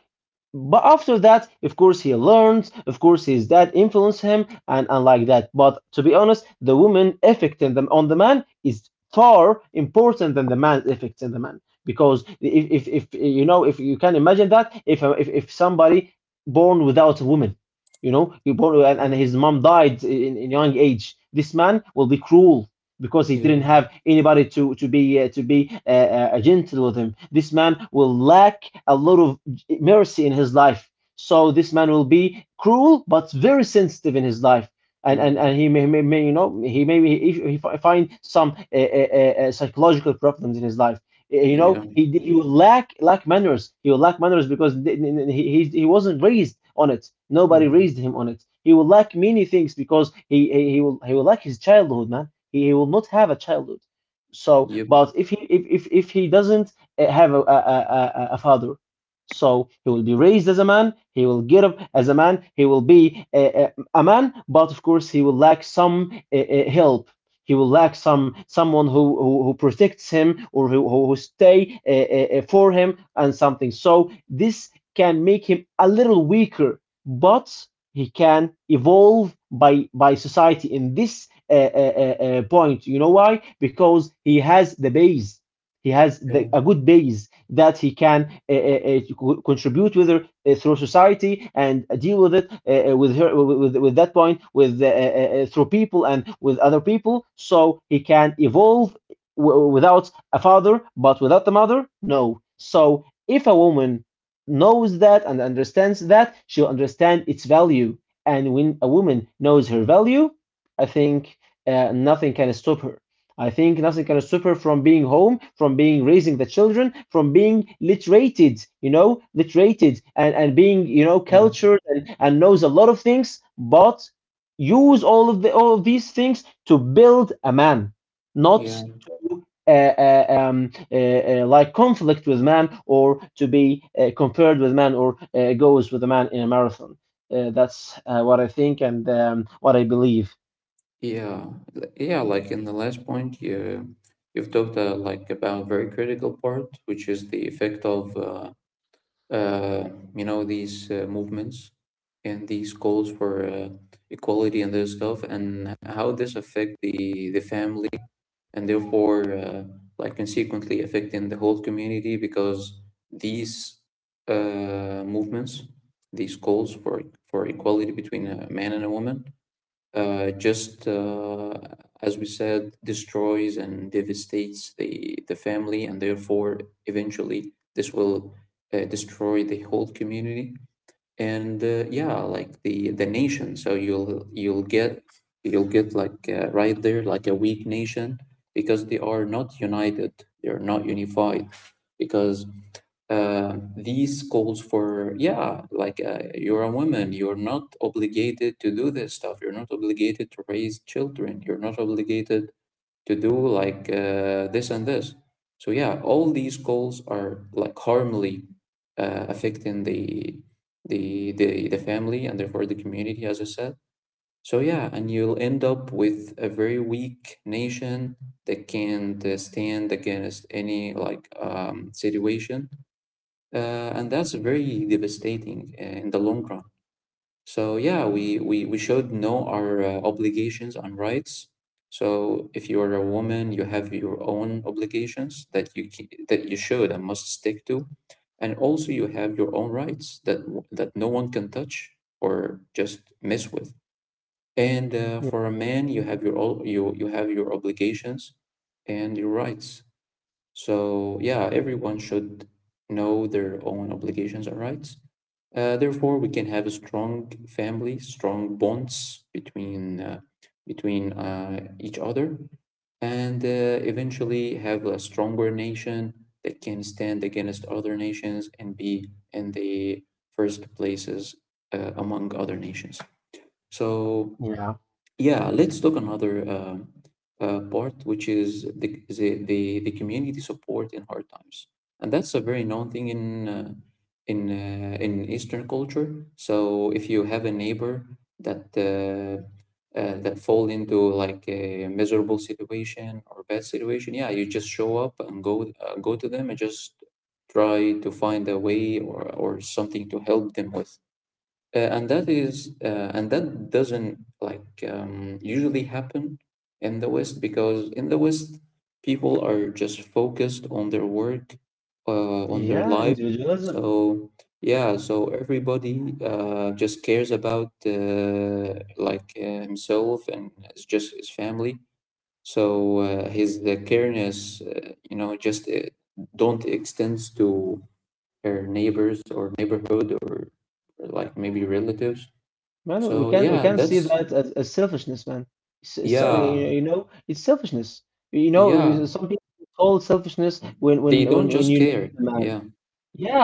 S2: but after that, of course, he learns, of course, his dad influenced him, and like that. But to be honest, the woman effect in on the man is far important than the man's effects in the man. Because if you can imagine that, if somebody born without a woman, you know, he born and his
S1: Yeah.
S2: mom died in young age, this man will be cruel. Because he
S1: Yeah.
S2: didn't have anybody to be gentle with him, this man will lack a lot of mercy in his life. So this man will be cruel but very sensitive in his life. And, and,
S1: Hmm.
S2: and he may he find some psychological problems in his life. Uh, you know
S1: Yeah.
S2: he he will lack manners. He will lack manners because he he wasn't raised on it. Nobody
S1: Hmm.
S2: raised him on it. He will lack many things because he will lack his childhood, man. He he will not have a childhood. So but
S1: Yep.
S2: if he doesn't have a father, so he will be raised as a man, he will get up as a man, he will be a man, but of course he will lack some help. He will lack someone who protects him or who stay for him and something. So this can make him a little weaker, but he can evolve by society in this point. You know why? Because he has the base. He has
S1: Yeah.
S2: a good base that he can contribute with her through society and deal with it with her with that point with through people and with other people, so he can evolve without a father, but without the mother, no. So if a woman knows that and understands that, she'll understand its value. And when a woman knows her value, I think nothing can stop her. I think nothing can suffer from being home, from being raising the children, from being literated, you know, literated and being, you know,
S1: Mm.
S2: cultured and knows a lot of things, but use all of these things to build a man, not
S1: Yeah.
S2: to like conflict with man or to be compared with man or goes with a man in a marathon. That's what I think and what I believe.
S1: Yeah, yeah, like in the last point, you you've talked like about a very critical part, which is the effect of uh, you know these movements and these calls for equality and this stuff, and how this affect the family and therefore like consequently affecting the whole community because these movements, these calls for equality between a man and a woman just as we said, destroys and devastates the family, and therefore, eventually, this will destroy the whole community and yeah like the nation so you'll get like right there like a weak nation because they are not united, they're not unified because these calls for yeah like you're a woman, you're not obligated to do this stuff, you're not obligated to raise children, you're not obligated to do like this and this. So yeah, all these goals are like harmfully affecting the family and therefore the community, as I said. So yeah, and you'll end up with a very weak nation that can't stand against any like situation, and that's very devastating in the long run. So yeah, we should know our obligations and rights. So if you are a woman, you have your own obligations that that you should and must stick to, and also you have your own rights that that no one can touch or just mess with. And for a man, you you have your obligations and your rights. So, yeah, everyone should know their own obligations and rights. Therefore, we can have a strong family, strong bonds between each other, and eventually have a stronger nation that can stand against other nations and be in the first places among other nations. So
S2: Yeah.
S1: yeah, let's talk another part, which is the community support in hard times, and that's a very known thing in in Eastern culture. So if you have a neighbor that uh, that fall into like a miserable situation or bad situation, yeah, you just show up and go go to them and just try to find a way or something to help them with. And that is, and that doesn't like usually happen in the West because in the West, people are just focused on their work, on their
S2: Yeah,
S1: life.
S2: individualism.
S1: So yeah, so everybody just cares about himself and it's just his family. So his the careness, you know, just don't extends to her neighbors or neighborhood or like maybe relatives.
S2: Man,
S1: So
S2: we
S1: yeah,
S2: can see
S1: that's
S2: that as selfishness, man. You
S1: yeah,
S2: you know, it's selfishness. You know,
S1: yeah.
S2: some people call selfishness
S1: They don't
S2: when
S1: just
S2: you know
S1: care.
S2: the man.
S1: Yeah,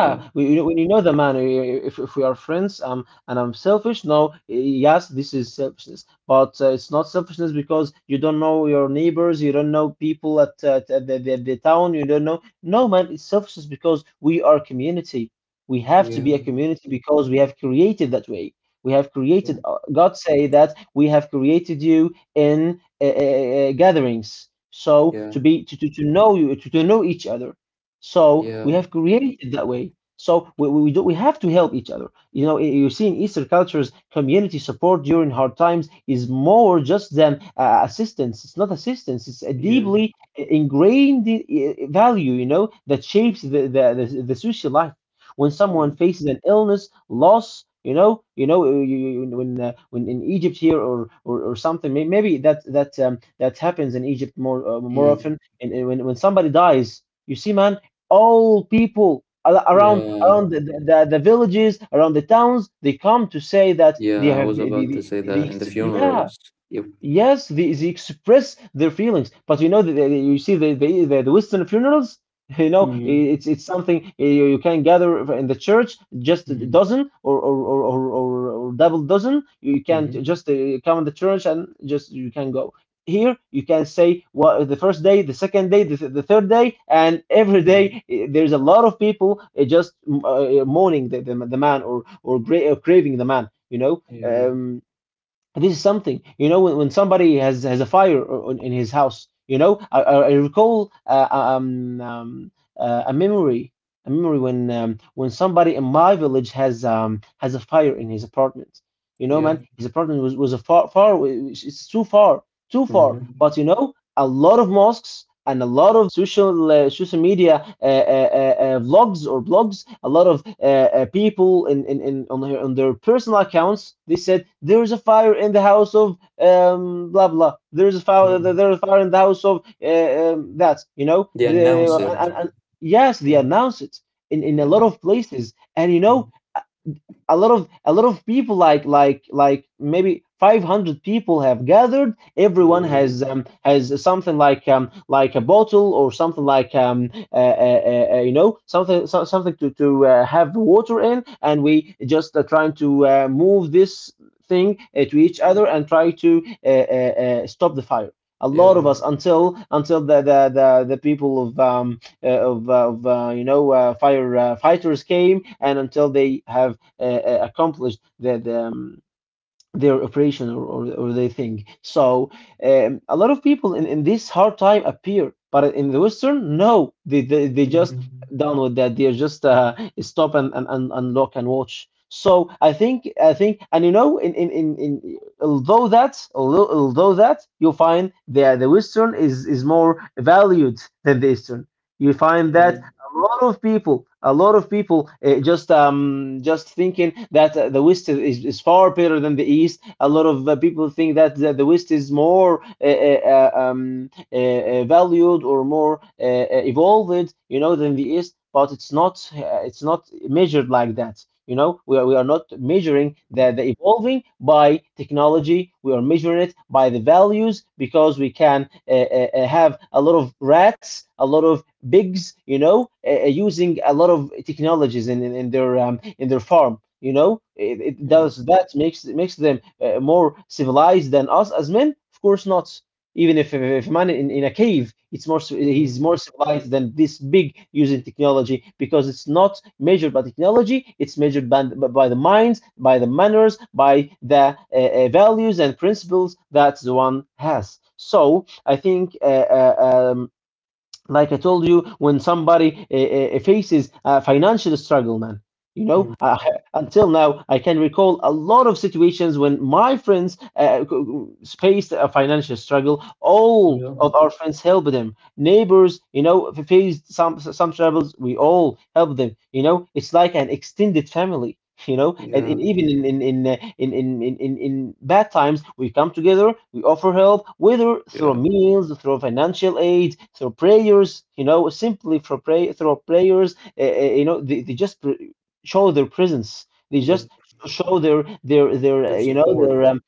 S1: yeah,
S2: we, you know, when you know the man, if we are friends, and I'm selfish, no, eh, yes, this is selfishness, but it's not selfishness because you don't know your neighbors, you don't know people at the town, you don't know. No, man, it's selfishness because we are community. We have to be
S1: yeah,
S2: a community because we have created that way. We have
S1: yeah,
S2: created, God say that we have created you in gatherings. So
S1: yeah,
S2: to be to know you, to know each other, so
S1: yeah,
S2: we have created that way. So we have to help each other. You know, you see in Eastern cultures, community support during hard times is more just than assistance. It's not assistance. It's a
S1: yeah,
S2: deeply ingrained value, you know, that shapes the the social life. When someone
S1: yeah.
S2: faces an illness, loss, when in Egypt here or something, maybe that that happens in Egypt more more
S1: Mm.
S2: often. And when somebody dies, you see, man, all people
S1: Yeah,
S2: around the villages, around the towns, they come to say that they
S1: yeah. I
S2: have
S1: was about to say that in the
S2: yeah.
S1: funerals. Yep.
S2: Yes, they express their feelings, but you know, you see, the Western funerals, you know,
S1: Mm-hmm.
S2: it's something, eh, you can gather in the church, just a
S1: Mm-hmm.
S2: dozen or double dozen. You can
S1: Mm-hmm.
S2: just come in the church and just you can go. Here, you can say what the first day, the second day, the third day, and every
S1: Yeah,
S2: day, eh, there's a lot of people, eh, just mourning the man or craving the man. You know,
S1: yeah,
S2: this is something, you know, when somebody has a fire in his house, you know, I recall a memory when somebody in my village has a fire in his apartment. You know,
S1: yeah.
S2: man, his apartment was a far away, it's too far, too far.
S1: Mm-hmm.
S2: But you know, a lot of mosques and a lot of social social media vlogs or blogs. A lot of people in on their personal accounts, they said there is a fire in the house of blah blah. There is a fire.
S1: Mm.
S2: There is a fire in the house of that. You know
S1: They announce it.
S2: and yes, they
S1: Yeah,
S2: announce it in a
S1: yeah,
S2: lot of places. And you know,
S1: mm,
S2: a lot of people like maybe 500 people have gathered. Everyone
S1: yeah,
S2: has something like um, like a bottle or something like you know, something, so something to have water in, and we just are trying to move this thing to each other and try to stop the fire, a lot of
S1: yeah.
S2: us, until the people of you know, fire fighters came, and until they have the their operation or their thing. So a lot of people in this hard time appear, but in the Western, no, they just
S1: Mm-hmm.
S2: download that. They just stop and unlock and watch. So I think, and you know, in although that although that you find the Western is more valued than the Eastern. You find
S1: Yeah,
S2: that a lot of people just thinking that the West is far better than the East. A lot of people think that the West is more valued or more evolved, you know, than the East. But it's not measured like that. You know, we are not measuring the evolving by technology. We are measuring it by the values, because we can have a lot of rats, a lot of pigs, you know, using a lot of technologies in their farm. You know, it
S1: yeah.
S2: does that makes them more civilized than us as men? Of course not. Even if a man in a cave, it's more he's
S1: Mm-hmm.
S2: more civilized than this big using technology, because it's not measured by technology. It's measured by the minds, by the manners, by the values and principles that the one has. So I think like I told you, when somebody faces a financial struggle, man, you know, until now, I can recall a lot of situations when my friends faced a financial struggle. All
S1: Yeah,
S2: of our friends helped them. Neighbors, you know, faced some troubles. We all helped them. You know, it's like an extended family, you know, and
S1: yeah,
S2: even in bad times, we come together, we offer help, whether through
S1: yeah.
S2: meals, through financial aid, through prayers, you know, simply for pray, through prayers, you know, they just show their presence, they just
S1: Yep.
S2: show their
S1: Their
S2: you know, their
S1: support.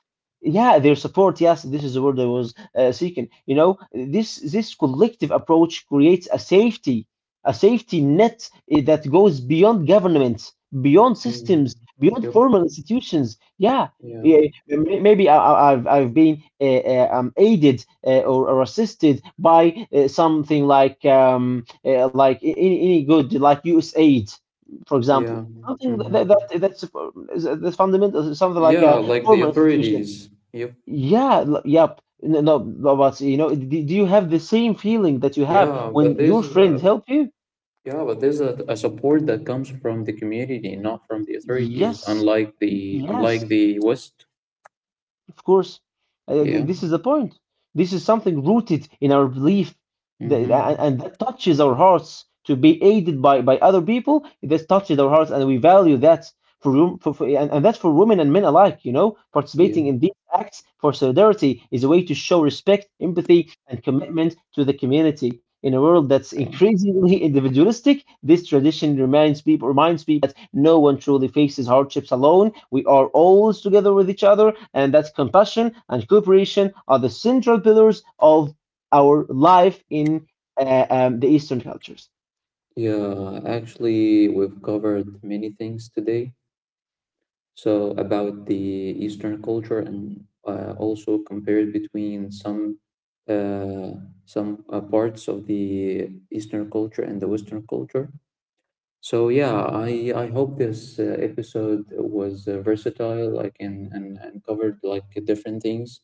S2: yeah, their support. Yes, this is the word I was seeking. You know, this collective approach creates a safety, a safety net, eh, that goes beyond governments, beyond systems,
S1: Mm.
S2: beyond
S1: Yep.
S2: formal institutions. Yeah.
S1: Yeah.
S2: Yeah, maybe I've been aided or assisted by something like any good like U.S. aid, for example,
S1: Yeah.
S2: something
S1: Mm-hmm.
S2: that that's eh, that's fundamental, something like
S1: Yeah,
S2: a
S1: like the
S2: formal institution.
S1: authorities. Yep.
S2: Yeah, yep. No, no, no, but you know, do you have the same feeling that you have
S1: Yeah,
S2: when
S1: but
S2: your
S1: there's
S2: friend
S1: uh,
S2: help you?
S1: yeah, but there's a support that comes from the community, not from the authorities,
S2: Yes,
S1: unlike
S2: yes,
S1: the West.
S2: of course.
S1: Yeah.
S2: This is the point. This is something rooted in our belief that,
S1: Mm-hmm.
S2: and that touches our hearts to be aided by other people. That touches our hearts, and we value that for and that's for women and men alike, you know, participating
S1: Yeah.
S2: in Acts for solidarity, is a way to show respect, empathy, and commitment to the community. In a world that's increasingly individualistic, this tradition reminds people that no one truly faces hardships alone. We are always together with each other, and that compassion and cooperation are the central pillars of our life in the Eastern cultures.
S1: Yeah, actually, we've covered many things today. So about the Eastern culture and also compared between uh, some parts of the Eastern culture and the Western culture. So yeah, I hope this episode was versatile, like and covered like different things,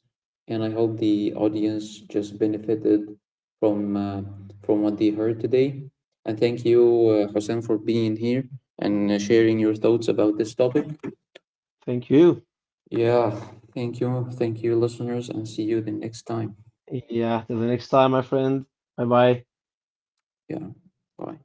S1: and I hope the audience just benefited from uh, from what they heard today. And thank you, Hossein, for being here and sharing your thoughts about this topic.
S2: Thank you.
S1: Yeah, thank you. Thank you, listeners, and see you the next time.
S2: Yeah, till the next time, my friend. Bye bye.
S1: Yeah, bye.